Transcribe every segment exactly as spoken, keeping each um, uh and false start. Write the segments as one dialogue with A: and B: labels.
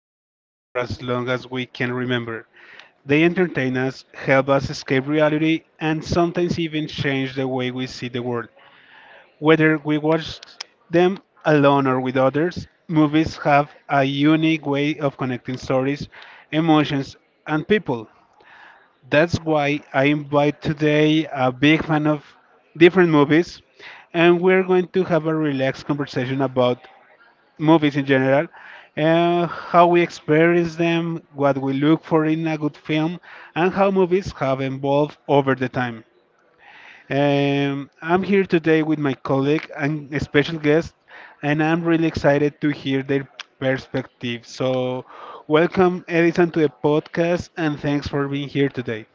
A: lives for as long as we can remember. They entertain us, help us escape reality, and sometimes even change the way we see the world. Whether we watch them alone or with others, movies have a unique way of connecting stories, emotions, and people. That's why I invite today a big fan of different movies, and we're going to have a relaxed conversation about movies in general, uh, how we experience them, what we look for in a good film, and how movies have evolved over the time. Um, I'm here today with my colleague and a special guest, and I'm really excited to hear their perspective. So, welcome, Edison, to the podcast, and thanks for being here today.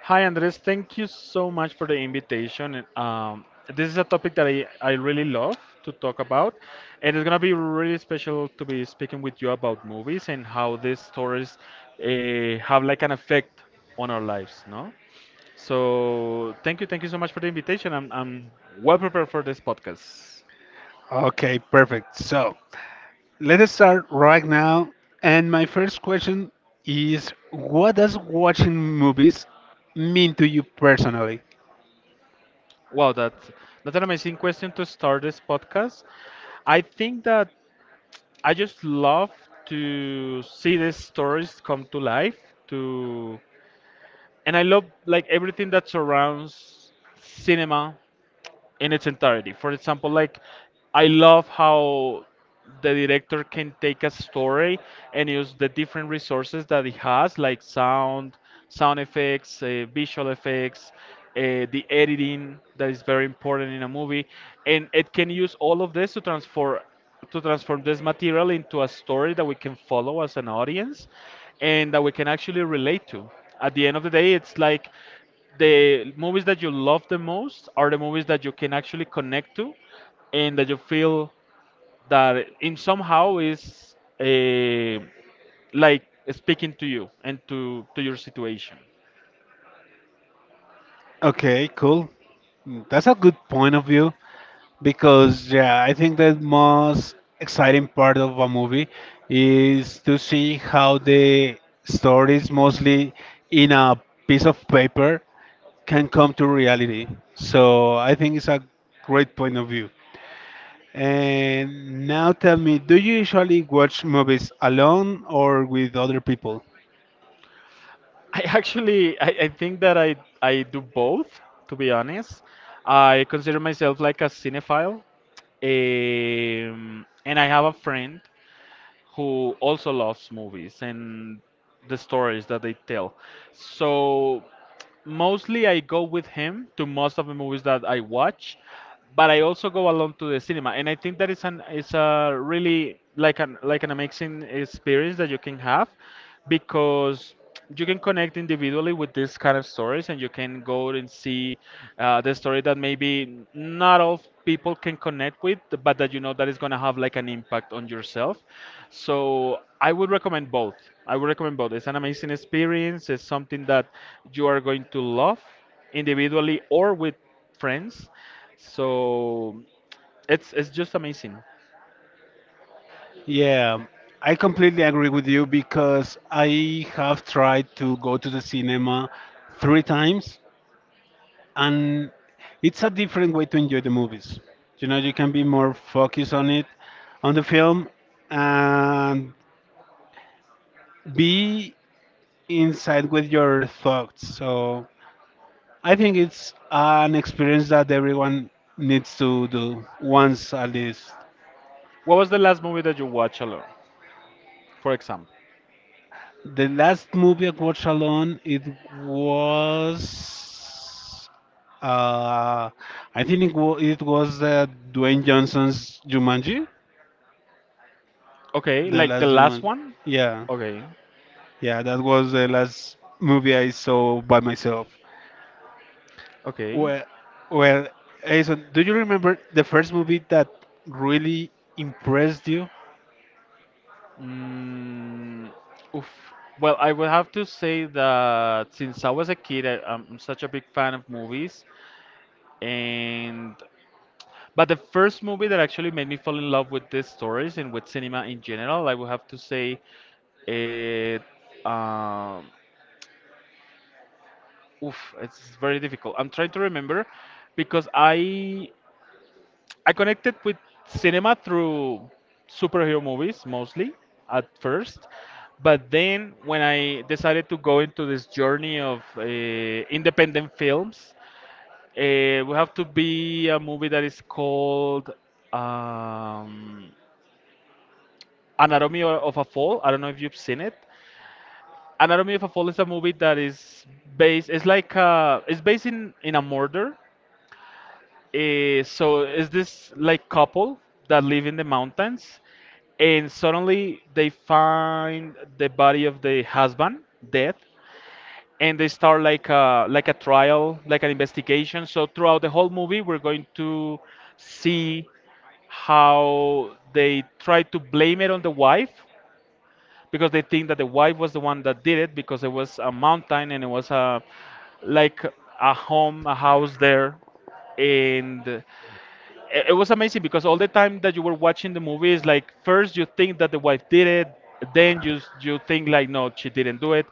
B: Hi, Andres. Thank you so much for the invitation. And, Um, this is a topic that I, I really love to talk about, and it's gonna be really special to be speaking with you about movies and how these stories uh, have like an effect on our lives, no? So thank you, thank you so much for the invitation. I'm I'm well prepared for this podcast.
A: Okay, perfect. So, let us start right now. And my first question is what does watching movies mean to you personally?
B: Wow, that's that's an amazing question to start this podcast. I think that I just love to see these stories come to life. To And I love like everything that surrounds cinema in its entirety. For example, like I love how the director can take a story and use the different resources that he has, like sound, sound effects, uh, visual effects, uh, the editing that is very important in a movie, and it can use all of this to transform to transform this material into a story that we can follow as an audience and that we can actually relate to. At the end of the day, it's like the movies that you love the most are the movies that you can actually connect to and that you feel that in somehow is eh, like speaking to you and to, to your situation.
A: Okay, cool. That's a good point of view because yeah, I think the most exciting part of a movie is to see how the stories mostly in a piece of paper can come to reality. So I think it's a great point of view. And now tell me, do you usually watch movies alone or with other people?
B: i actually I, I think that I, I do both, to be honest. I consider myself like a cinephile. Um, and I have a friend who also loves movies and the stories that they tell. So mostly I go with him to most of the movies that I watch, but I also go alone to the cinema, and I think that is an is a really like an like an amazing experience that you can have, because you can connect individually with this kind of stories, and you can go and see uh, the story that maybe not all people can connect with, but that you know that is going to have like an impact on yourself. So I would recommend both i would recommend both. It's an amazing experience. It's something that you are going to love individually or with friends. So it's it's just amazing.
A: Yeah, I completely agree with you because I have tried to go to the cinema three times and it's a different way to enjoy the movies. You know, you can be more focused on it, on the film, and be inside with your thoughts. So I think it's an experience that everyone needs to do once at least.
B: What was the last movie that you watched alone, for example?
A: The last movie I watched alone, it was, uh, I think it, wa- it was uh, Dwayne Johnson's Jumanji,
B: Okay,
A: the
B: like the
A: last
B: last
A: Jumanji.
B: one.
A: Yeah,
B: Okay.
A: yeah, that was the last movie I saw by myself.
B: Okay.
A: Well, well, Aison, do you remember the first movie that really impressed you?
B: Mm, oof. Well, I would have to say that since I was a kid, I, I'm such a big fan of movies, and but the first movie that actually made me fall in love with these stories and with cinema in general, I would have to say it. Um, oof, it's very difficult. I'm trying to remember because I I connected with cinema through superhero movies, mostly at first, but then when I decided to go into this journey of uh, independent films, uh, we have to be a movie that is called um, Anatomy o- of a Fall. I don't know if you've seen it. Anatomy of a Fall is a movie that is based. It's like uh, it's based in in a murder. Eh, so is this like couple that live in the mountains, and suddenly they find the body of the husband dead, and they start like a like a trial, like an investigation. So throughout the whole movie, we're going to see how they try to blame it on the wife because they think that the wife was the one that did it, because it was a mountain and it was a like a home a house there. And it it was amazing because all the time that you were watching the movies, like first you think that the wife did it, then you s- you think like no, she didn't do it,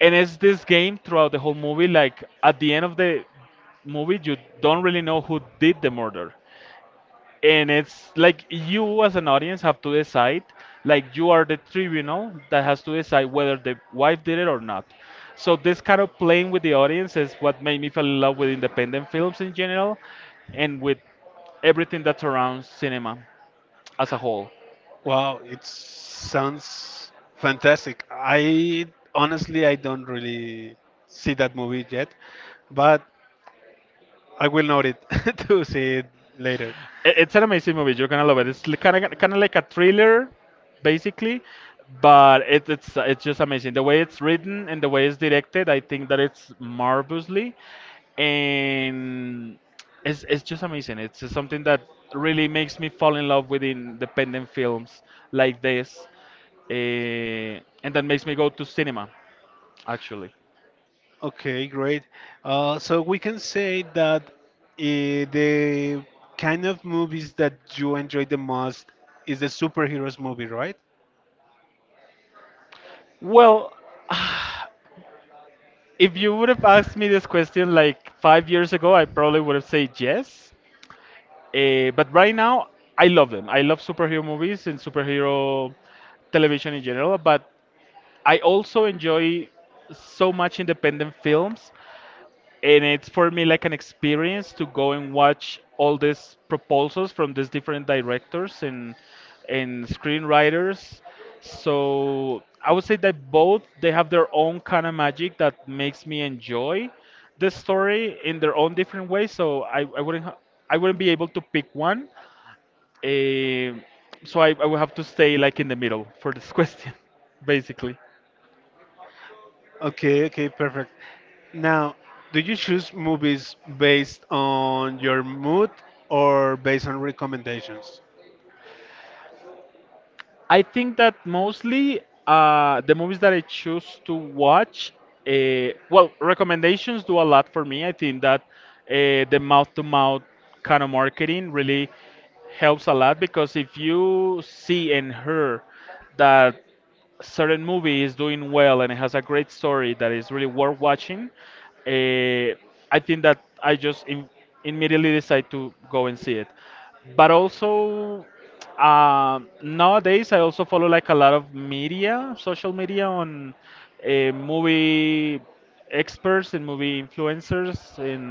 B: and it's this game throughout the whole movie. Like at the end of the movie, you don't really know who did the murder, and it's like you as an audience have to decide, like you are the tribunal that has to decide whether the wife did it or not. So this kind of playing with the audience is what made me fall in love with independent films in general, and with everything that surrounds cinema as a whole.
A: Wow, it sounds fantastic. I honestly I don't really see that movie yet, but I will note it to see it later.
B: It- it's an amazing movie. You're gonna love it. It's kind of kind of like a thriller, basically, but it, it's it's just amazing. The way it's written and the way it's directed, I think that it's marvelously, and it's it's just amazing. It's just something that really makes me fall in love with independent films like this, uh, and that makes me go to cinema, actually.
A: Okay, great. Uh, so we can say that eh, the kind of movies that you enjoy the most is the superheroes movie, right?
B: Well, if you would have asked me this question like five years ago, I probably would have said yes. Uh, but right now, I love them. I love superhero movies and superhero television in general. But I also enjoy so much independent films, and it's for me like an experience to go and watch all these proposals from these different directors and and screenwriters. So I would say that both they have their own kind of magic that makes me enjoy the story in their own different way. So I, I wouldn't ha- I wouldn't be able to pick one. Um, so I, I will have to stay like in the middle for this question, basically.
A: Okay, okay, perfect. Now, do you choose movies based on your mood or based on recommendations?
B: I think that mostly uh, the movies that I choose to watch, uh, well, recommendations do a lot for me. I think that uh, the mouth-to-mouth kind of marketing really helps a lot, because if you see and hear that. Certain movie is doing well and it has a great story that is really worth watching, eh, I think that I just im- immediately decide to go and see it. But also, um nowadays I also follow like a lot of media, social media on eh, movie experts and movie influencers and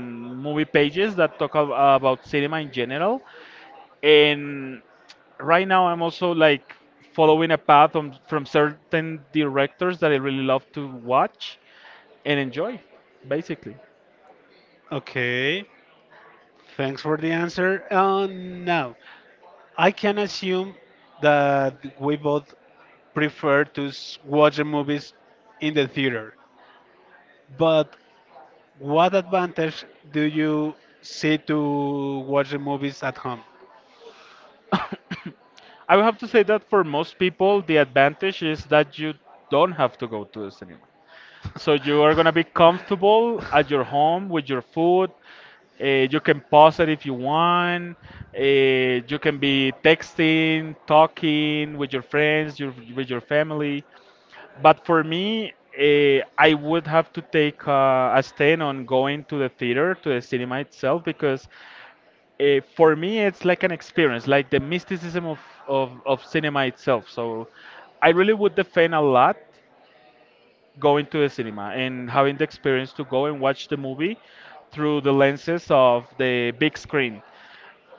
B: movie pages that talk ab- about cinema in general. And right now I'm also like following a path from, from certain directors that I really love to watch and enjoy, basically.
A: Okay, thanks for the answer. Uh, now, I can assume that we both prefer to s- watch the movies in the theater, but what advantage do you see to watch the movies at home?
B: I would have to say that for most people the advantage is that you don't have to go to the cinema, so you are going to be comfortable at your home with your food. Uh, you can pause it if you want. Uh, you can be texting, talking with your friends, your, with your family. But for me, eh, I would have to take uh, a stand on going to the theater, to the cinema itself, because eh, for me it's like an experience, like the mysticism of, of, of cinema itself. So I really would defend a lot going to the cinema and having the experience to go and watch the movie through the lenses of the big screen.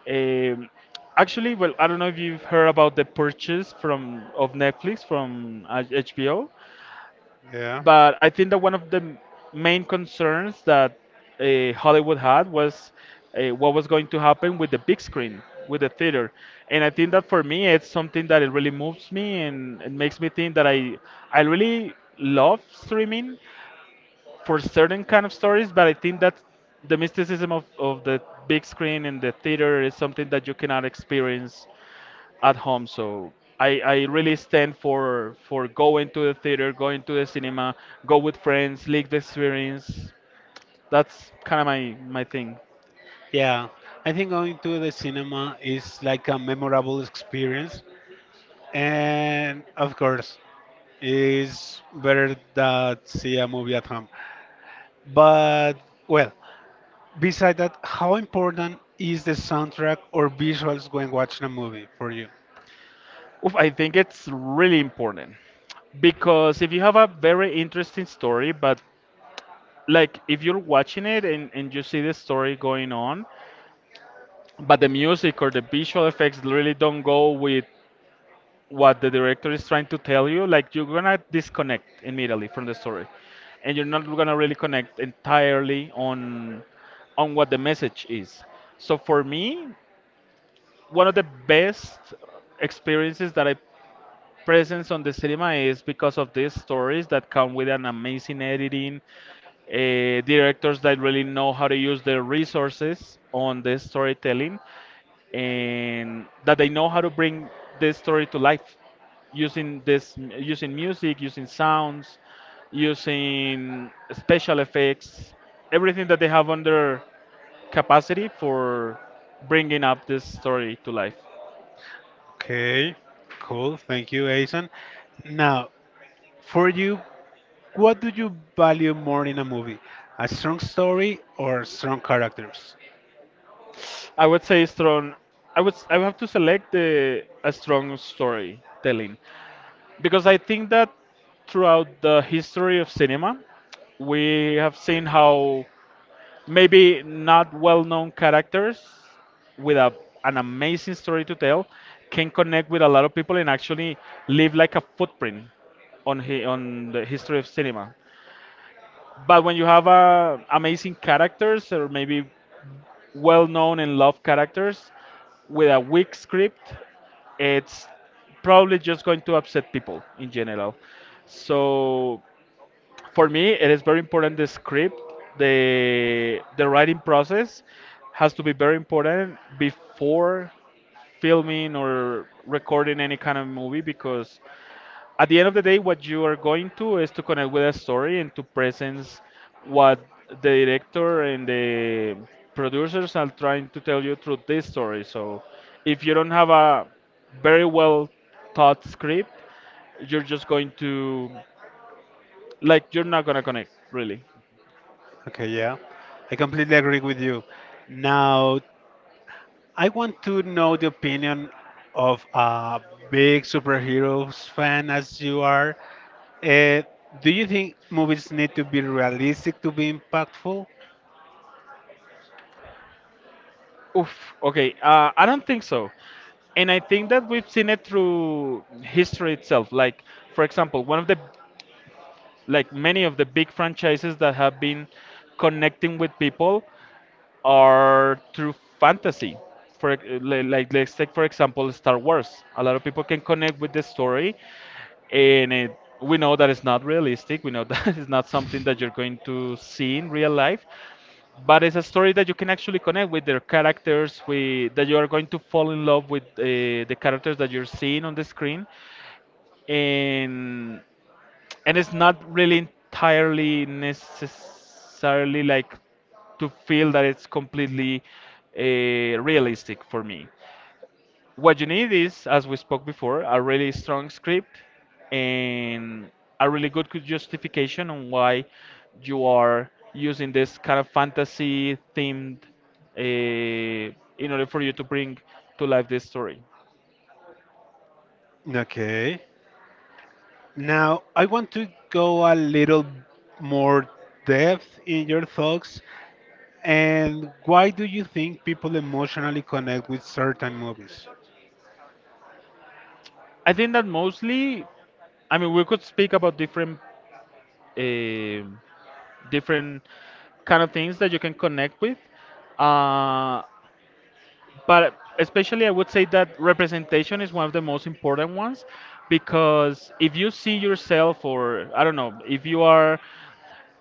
B: Um, Actually, well, I don't know if you've heard about the purchase from of Netflix from uh, H B O.
A: Yeah.
B: But I think that one of the m- main concerns that uh, Hollywood had was uh, what was going to happen with the big screen, with the theater. And I think that for me, it's something that it really moves me and it makes me think that I I really love streaming for certain kind of stories, but I think that the mysticism of, of the big screen and the theater is something that you cannot experience at home. So I, I really stand for for going to the theater, going to the cinema, go with friends, live the experience. That's kind of my my thing.
A: Yeah, I think going to the cinema is like a memorable experience, and of course, is better than see a movie at home. But well, beside that, how important is the soundtrack or visuals when watching a movie for you?
B: Oof, I think it's really important, because if you have a very interesting story, but like if you're watching it and, and you see the story going on, but the music or the visual effects really don't go with what the director is trying to tell you, like you're gonna disconnect immediately from the story, and you're not gonna really connect entirely on on what the message is. So for me, one of the best experiences that I presence on the cinema is because of these stories that come with an amazing editing, uh, directors that really know how to use their resources on the storytelling, and that they know how to bring this story to life using this using music, using sounds, using special effects, everything that they have under capacity for bringing up this story to life.
A: Okay, cool. Thank you, Aizen. Now, for you, what do you value more in a movie? A strong story or strong characters?
B: I would say strong. I would s- I would have to select the a strong storytelling, because I think that throughout the history of cinema, we have seen how maybe not well-known characters with a, an amazing story to tell can connect with a lot of people and actually leave like a footprint on hi on the history of cinema. But when you have uh, amazing characters or maybe well known and loved characters with a weak script, it's probably just going to upset people in general. So for me, it is very important the script, the the writing process has to be very important before filming or recording any kind of movie because at the end of the day, what you are going to is to connect with a story and to present what the director and the producers are trying to tell you through this story. So if you don't have a very well thought script, you're just going to like you're not gonna connect really.
A: Okay, yeah. I completely agree with you. Now, I want to know the opinion of a big superheroes fan as you are. Uh, do you think movies need to be realistic to be impactful?
B: Oof. Okay. Uh, I don't think so. And I think that we've seen it through history itself. Like, for example, one of the like many of the big franchises that have been connecting with people are through fantasy. For ex- li- like let's take for example Star Wars. A lot of people can connect with the story, and it, we know that it's not realistic. We know that it's not something that you're going to see in real life, but it's a story that you can actually connect with their characters. With that you are going to fall in love with uh, the characters that you're seeing on the screen, and and it's not really entirely necessarily like to feel that it's completely uh, realistic for me. What you need is, as we spoke before, a really strong script and a really good cu- justification on why you are using this kind of fantasy themed uh, in order for you to bring to life this story.
A: Okay. Now, I want to go a little more depth in your thoughts. And why do you think people emotionally connect with certain movies?
B: I think that mostly, I mean, we could speak about different. um different kind of things that you can connect with. Uh, but especially, I would say that representation is one of the most important ones because if you see yourself, or I don't know, if you are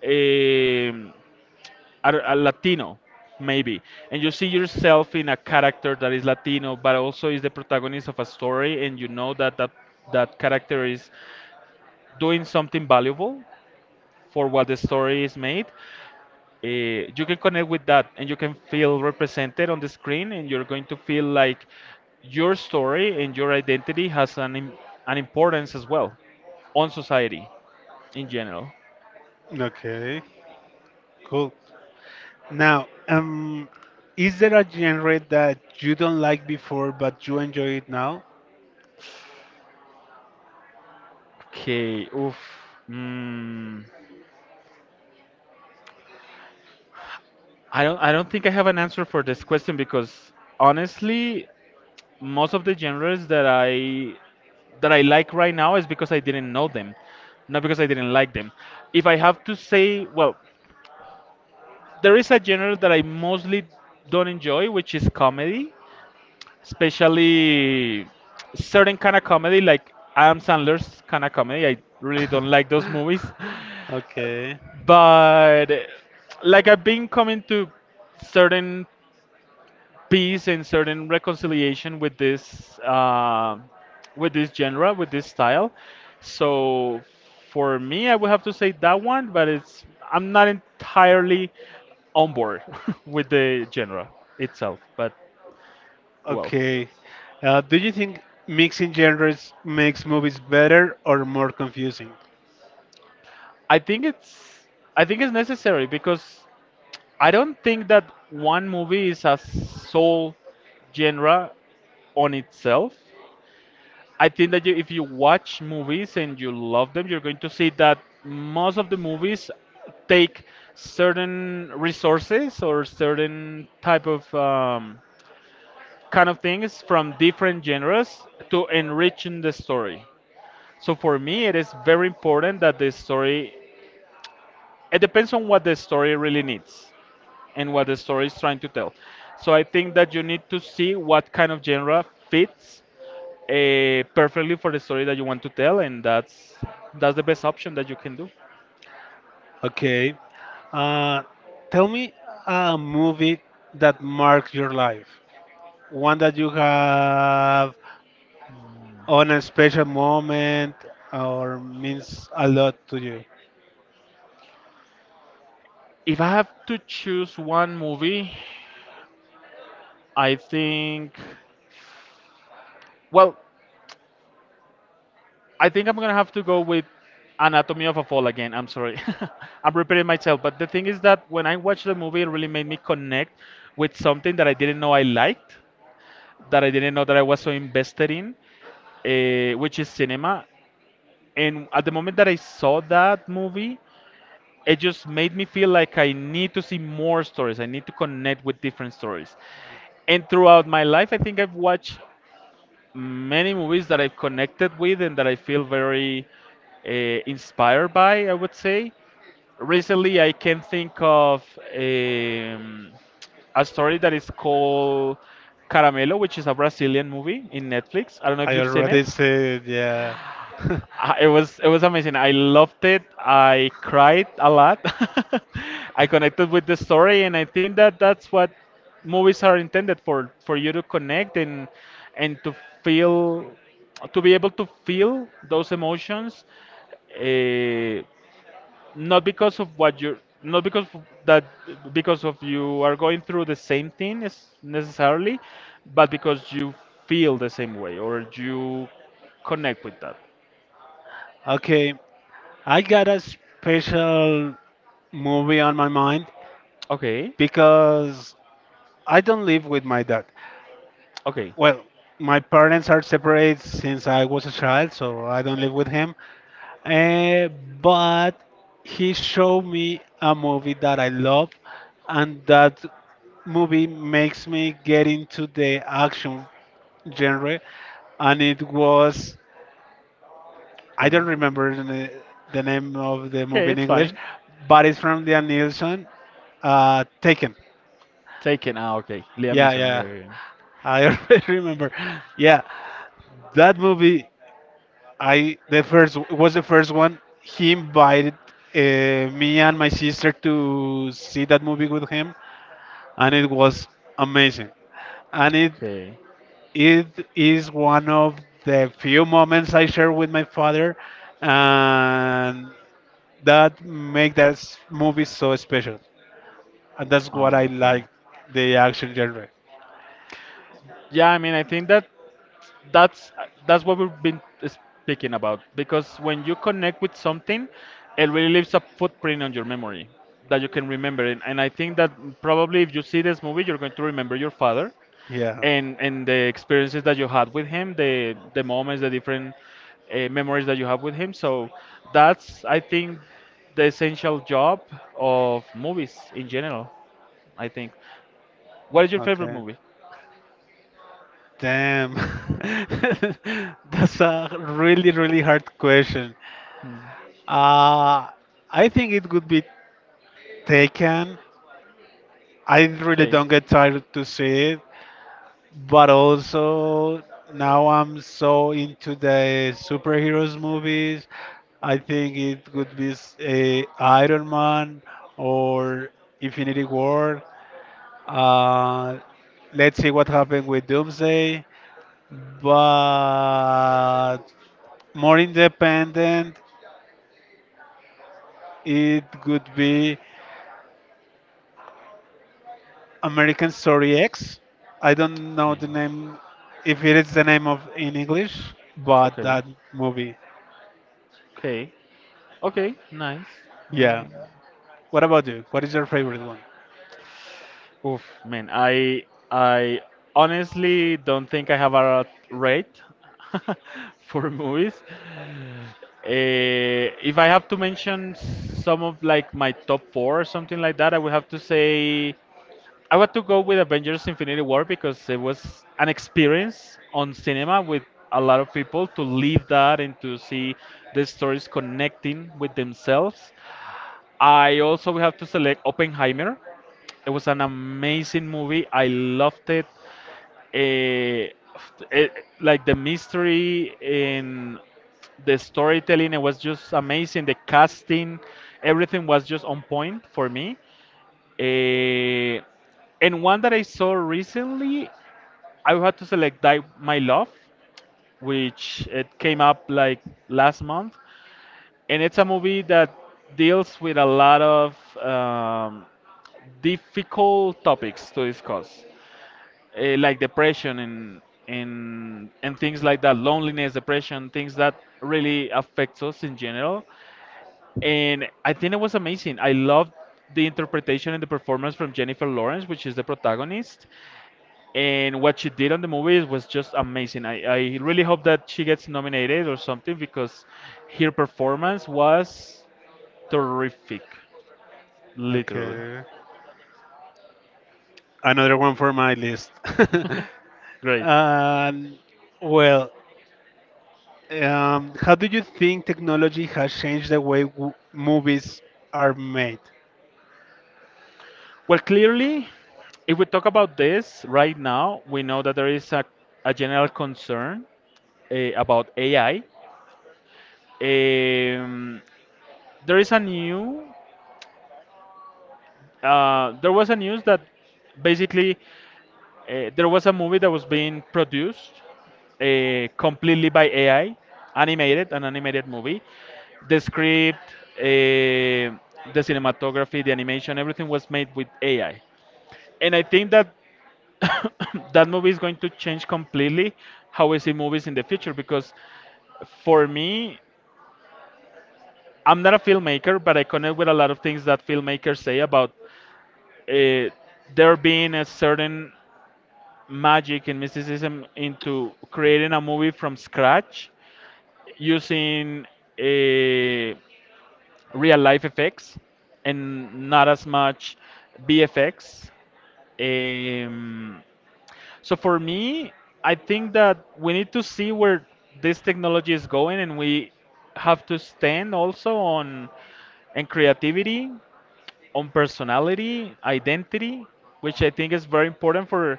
B: a, I don't- a Latino, maybe, and you see yourself in a character that is Latino, but also is the protagonist of a story, and you know that that, that character is doing something valuable for what the story is made, uh, you can connect with that and you can feel represented on the screen and you're going to feel like your story and your identity has an, im- an importance as well on society in general.
A: Okay, cool. Now, um, is there a genre that you don't like before but you enjoy it now?
B: Okay. Oof. mm, i don't i don't think I have an answer for this question because honestly most of the genres that i that i like right now is because I didn't know them, not because I didn't like them. If I have to say, well, there is a genre that I mostly don't enjoy, which is comedy, especially certain kind of comedy, like Adam Sandler's kind of comedy. I really don't like those movies.
A: Okay.
B: But like I've been coming to certain peace and certain reconciliation with this uh, with this genre, with this style. So for me, I would have to say that one, but it's I'm not entirely on board with the genre itself. But well,
A: Okay. Uh, do you think mixing genres makes movies better or more confusing?
B: I think it's I think it's necessary because I don't think that one movie is a sole genre on itself. I think that you, if you watch movies and you love them, you're going to see that most of the movies take certain resources or certain type of um, kind of things from different genres to enrich in the story. So for me, it is very important that the story. It depends on what the story really needs and what the story is trying to tell. So I think that you need to see what kind of genre fits uh, perfectly for the story that you want to tell, and that's that's the best option that you can do.
A: Okay. Uh, tell me a movie that marks your life. One that you have on a special moment or means a lot to you.
B: If I have to choose one movie, I think, well, I think I'm gonna have to go with Anatomy of a Fall again. I'm sorry, I'm repeating myself, but the thing is that when I watched the movie, it really made me connect with something that I didn't know I liked, that I didn't know that I was so invested in, uh, which is cinema. And at the moment that I saw that movie, it just made me feel like I need to see more stories. I need to connect with different stories. And throughout my life, I think I've watched many movies that I've connected with and that I feel very uh, inspired by, I would say. Recently, I can think of um, a story that is called Caramelo, which is a Brazilian movie in Netflix. I don't know if
A: I
B: you've seen it.
A: already said, yeah.
B: Uh, It was it was amazing. I loved it. I cried a lot. I connected with the story, and I think that that's what movies are intended for for you to connect and and to feel to be able to feel those emotions, uh, not because of what you're not because of that because of you are going through the same thing is necessarily, but because you feel the same way or you connect with that.
A: Okay, I got a special movie on my mind
B: Okay.
A: because I don't live with my dad.
B: Okay.
A: Well, my parents are separate since I was a child, so I don't live with him. Eh, but he showed me a movie that I love, and that movie makes me get into the action genre, and it was, I
B: Okay.
A: don't remember the, the name of the
B: Okay,
A: movie in
B: it's
A: English,
B: fine.
A: but it's from Liam Neeson. Uh, Taken.
B: Taken. Ah, okay. Liam
A: Yeah,
B: Neeson. Okay.
A: yeah.
B: Okay.
A: I already remember. Yeah, that movie. I the first it was the first one. He invited uh, me and my sister to see that movie with him, and it was amazing. And it
B: Okay.
A: it is one of the few moments I share with my father, and that make that s- movie so special, and that's what I
B: Ah, okay.
A: like the action genre.
B: Yeah, I mean, I think that that's that's what we've been speaking about because when you connect with something, it really leaves a footprint on your memory that you can remember. And, and I think that probably if you see this movie, you're going to remember your father
A: Yeah.
B: and and the experiences that you had with him, the the moments, the different uh, memories that you have with him. So that's I think the essential job of movies in general. I think. What is your favorite
A: Okay.
B: movie?
A: Damn. That's a really, really hard question.
B: Hmm.
A: Uh, I think it would be Taken. I really
B: Okay.
A: don't get tired to see it. But also now I'm so into the superheroes movies. I think it could be s- a Iron Man or Infinity War. Uh, let's see what happened with Doomsday. But more independent, it could be American Story X. I don't know
B: Okay.
A: the name, if it is the name of in English, but
B: Okay.
A: that movie,
B: Okay. Okay. Nice. Nice.
A: yeah. What about you? What is your favorite one?
B: Oof, man, I I honestly don't think I have a rate for movies. Eh, if I have to mention some of like my top four or something like that, I would have to say I want to go with Avengers Infinity War because it was an experience on cinema with a lot of people to live that and to see the stories connecting with themselves. I also have to select Oppenheimer. It was an amazing movie. I loved it. Eh, it like the mystery in the storytelling, it was just amazing. The casting, everything was just on point for me. Eh, and one that I saw recently, I had to select Die My Love, which it came up like last month and it's a movie that deals with a lot of um, difficult topics to discuss, eh, like depression and and and things like that, loneliness, depression, things that really affects us in general and I think it was amazing. I loved the interpretation and the performance from Jennifer Lawrence, which is the protagonist, and what she did on the movie was just amazing. I, I really hope that she gets nominated or something because her performance was terrific, literally.
A: Okay. Another one for my list.
B: Great.
A: Um, well, um, how do you think technology has changed the way w movies are made?
B: Well, clearly, if we talk about this right now, we know that there is a, a general concern eh, about A I. Um, there is a new uh, there was a news that basically uh, there was a movie that was being produced uh, completely by A I, animated, an animated movie. The script, uh, the cinematography, the animation, everything was made with A I. And I think that that movie is going to change completely how we see movies in the future because for me, I'm not a filmmaker, but I connect with a lot of things that filmmakers say about uh, there being a certain magic and mysticism into creating a movie from scratch using a real life effects and not as much B F X. Um, so for me, I think that we need to see where this technology is going, and we have to stand also on and creativity on personality, identity, which I think is very important for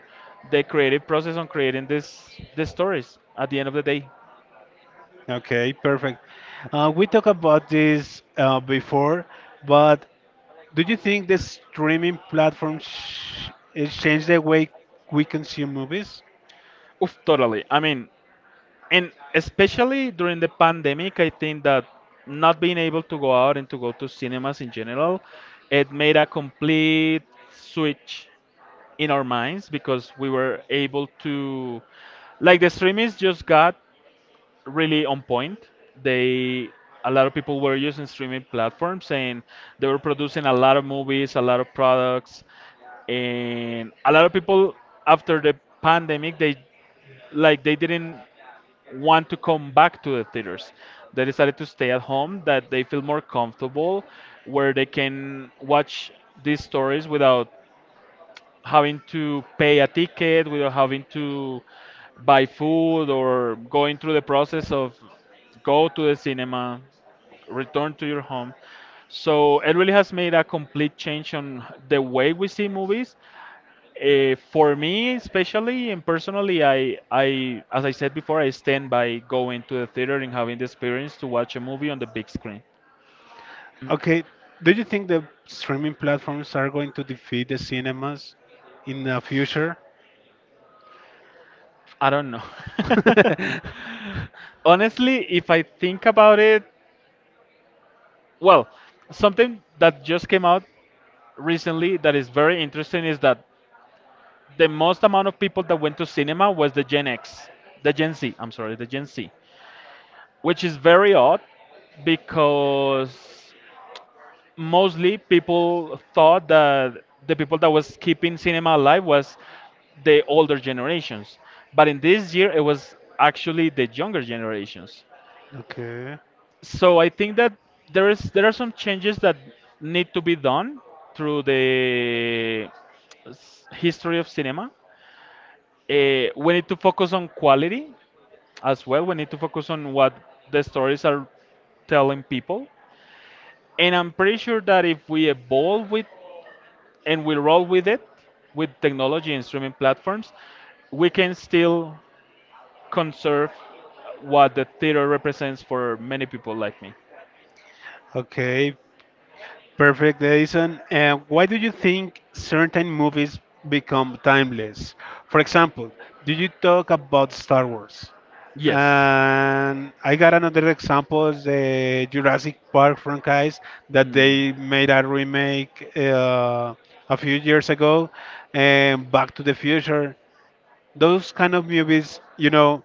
B: the creative process on creating this the stories at the end of the day.
A: Okay, perfect. Uh, we talked about this uh, before, but do you think the streaming platform sh- it changed the way we consume movies?
B: Oof, totally. I mean, and especially during the pandemic, I think that not being able to go out and to go to cinemas in general, it made a complete switch in our minds because we were able to like the streamings just got really on point. They a lot of people were using streaming platforms and they were producing a lot of movies, a lot of products, and a lot of people after the pandemic they like they didn't want to come back to the theaters. They decided to stay at home that they feel more comfortable where they can watch these stories without having to pay a ticket, without having to buy food or going through the process of go to the cinema, return to your home. So it really has made a complete change on the way we see movies. Uh, for me, especially and personally, I, I, as I said before, I stand by going to the theater and having the experience to watch a movie on the big screen.
A: Okay, do you think the streaming platforms are going to defeat the cinemas in the future?
B: I don't know. Honestly, if I think about it, Well, something that just came out recently that is very interesting is that the most amount of people that went to cinema was the Gen X, the Gen Z, I'm sorry, the Gen Z, which is very odd because mostly people thought that the people that was keeping cinema alive was the older generations. But in this year, it was actually the younger generations.
A: Okay.
B: So I think that there is there are some changes that need to be done through the s- history of cinema. Eh, we need to focus on quality as well. We need to focus on what the stories are telling people. And I'm pretty sure that if we evolve with and we roll with it, with technology and streaming platforms, we can still conserve what the theater represents for many people like me.
A: Okay, perfect, Edison. And why do you think certain movies become timeless? For example, do you talk about Star Wars?
B: Yes.
A: And I got another example, the Jurassic Park franchise that
B: Hmm.
A: they made a remake uh, a few years ago, and Back to the Future. Those kind of movies, you know,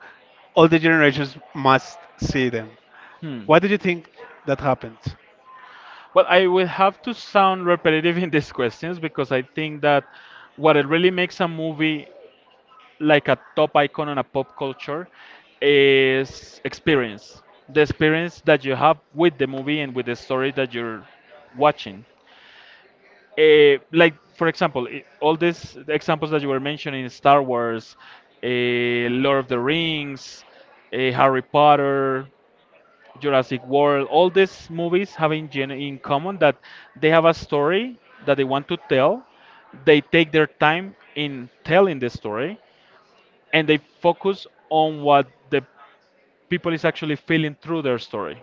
A: all the generations must see them.
B: Hmm.
A: Why do you think that happens?
B: Well, I will have to sound repetitive in these questions because I think that what it really makes a movie like a top icon on a pop culture is experience. The experience that you have with the movie and with the story that you're watching. Eh, like, for example, i- all these examples that you were mentioning, Star Wars, eh, Lord of the Rings, eh, Harry Potter, Jurassic World, all these movies have in, gen- in common that they have a story that they want to tell. They take their time in telling the story and they focus on what the people is actually feeling through their story.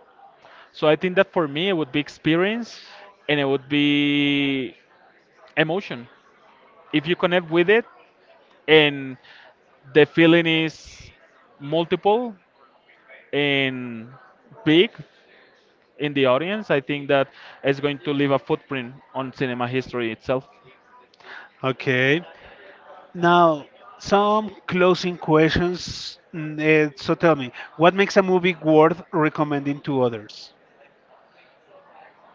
B: So I think that for me it would be experience and it would be emotion. If you connect with it and the feeling is multiple and big in the audience, I think that it's going to leave a footprint on cinema history itself.
A: Okay. Now, some closing questions. Mm, eh, so tell me, what makes a movie worth recommending to others?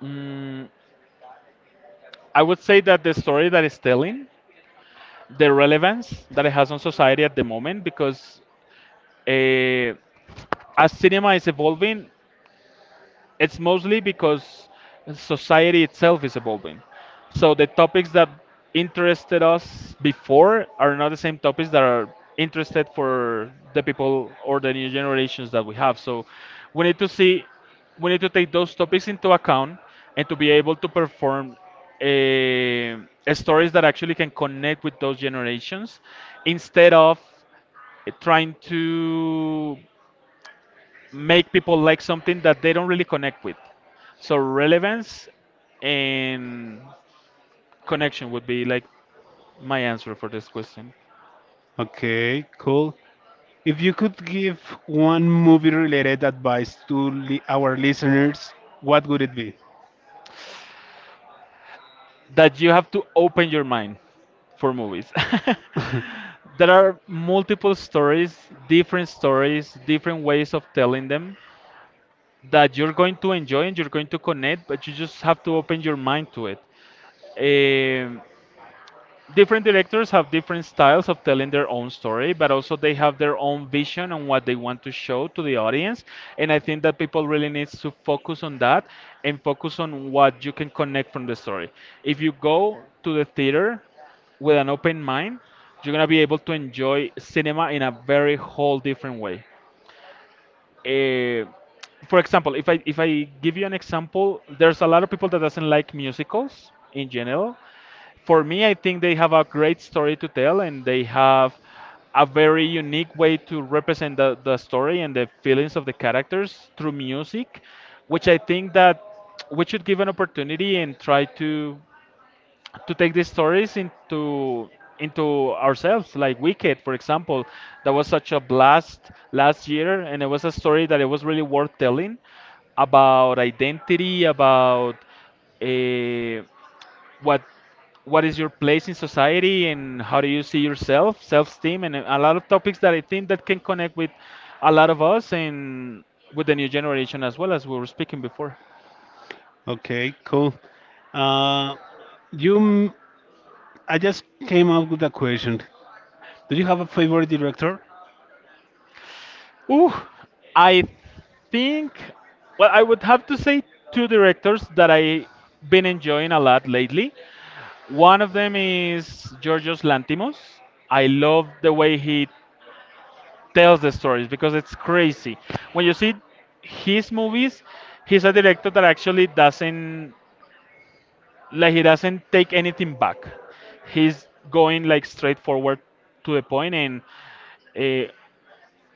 B: Mm, I would say that the story that it's telling, the relevance that it has on society at the moment, because uh, as cinema is evolving, it's mostly because society itself is evolving. So the topics that interested us before are not the same topics that are interested for the people or the new generations that we have. So we need to see, we need to take those topics into account and to be able to perform eh, stories that actually can connect with those generations instead of eh, trying to make people like something that they don't really connect with. So relevance and connection would be like my answer for this question.
A: Okay, cool. If you could give one movie-related advice to li our listeners, what would it be?
B: That you have to open your mind for movies. There are multiple stories, different stories, different ways of telling them that you're going to enjoy and you're going to connect, but you just have to open your mind to it. Um Different directors have different styles of telling their own story, but also they have their own vision on what they want to show to the audience. And I think that people really need to focus on that and focus on what you can connect from the story. If you go to the theater with an open mind, you're gonna be able to enjoy cinema in a very whole different way. eh, for example, if I if I give you an example, there's a lot of people that doesn't like musicals in general. For me, I think they have a great story to tell and they have a very unique way to represent the, the story and the feelings of the characters through music, which I think that we should give an opportunity and try to to take these stories into into ourselves, like Wicked for example, that was such a blast last year and it was a story that it was really worth telling, about identity, about uh, what what is your place in society and how do you see yourself, self-esteem, and a lot of topics that I think that can connect with a lot of us, and with the new generation as well, as we were speaking before.
A: Okay, cool. Uh, you, m- I just came up with a question. Do you have a favorite director?
B: Ooh, I think, well, I would have to say two directors that I've been enjoying a lot lately. One of them is Georgios Lantimos. I love the way he tells the stories because it's crazy. When you see his movies, he's a director that actually doesn't, like, he doesn't take anything back. He's going, like, straight forward to the point and uh,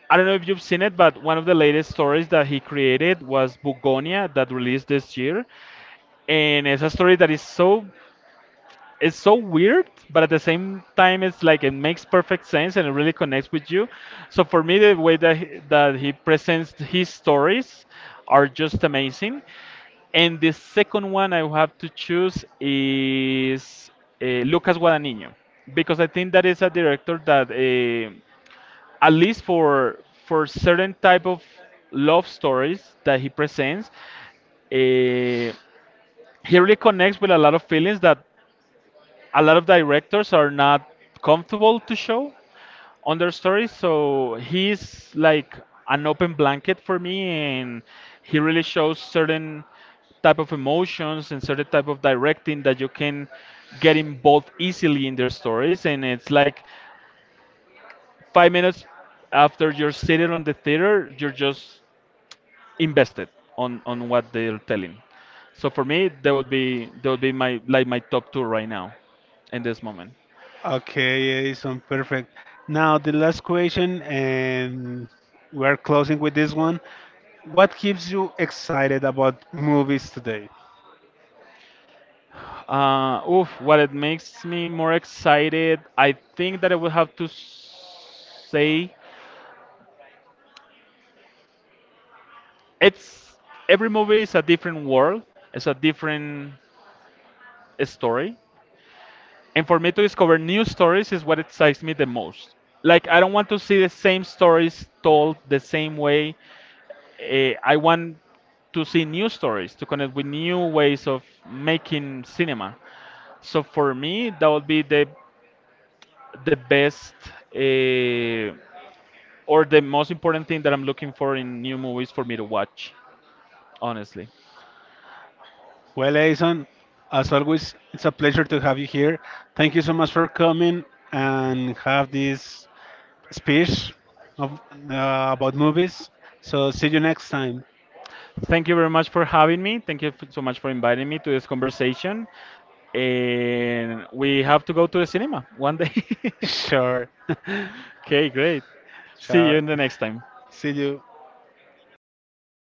B: I don't know if you've seen it, but one of the latest stories that he created was Bugonia, that released this year. And it's a story that is so, it's so weird, but at the same time it's like it makes perfect sense and it really connects with you. So for me the way that he, that he presents his stories are just amazing. And the second one I have to choose is uh, Lucas Guadagnino, because I think that is a director that uh, at least for for certain type of love stories that he presents, eh, he really connects with a lot of feelings that a lot of directors are not comfortable to show on their stories. So he's like an open blanket for me, and he really shows certain type of emotions and certain type of directing that you can get involved easily in their stories, and it's like five minutes after you're seated on the theater, you're just invested on on what they're telling. So for me, that would be that would be my, like my top two right now, in this moment.
A: Okay, Edison, perfect. Now, the last question, and we're closing with this one. What keeps you excited about movies today?
B: Uh, oof, what it makes me more excited, I think that I would have to s- say it's, every movie is a different world, it's a different story. And for me, to discover new stories is what excites me the most. Like, I don't want to see the same stories told the same way. Eh, I want to see new stories, to connect with new ways of making cinema. So for me that would be the the best, uh, or the most important thing that I'm looking for in new movies for me to watch, honestly.
A: Well, Edison, as always, it's a pleasure to have you here. Thank you so much for coming and have this speech of, uh, about movies. So, see you next time.
B: Thank you very much for having me. Thank you f- so much for inviting me to this conversation. And we have to go to the cinema one day.
A: Sure.
B: Okay, great. See you
A: Sure.
B: in the next time.
A: See you.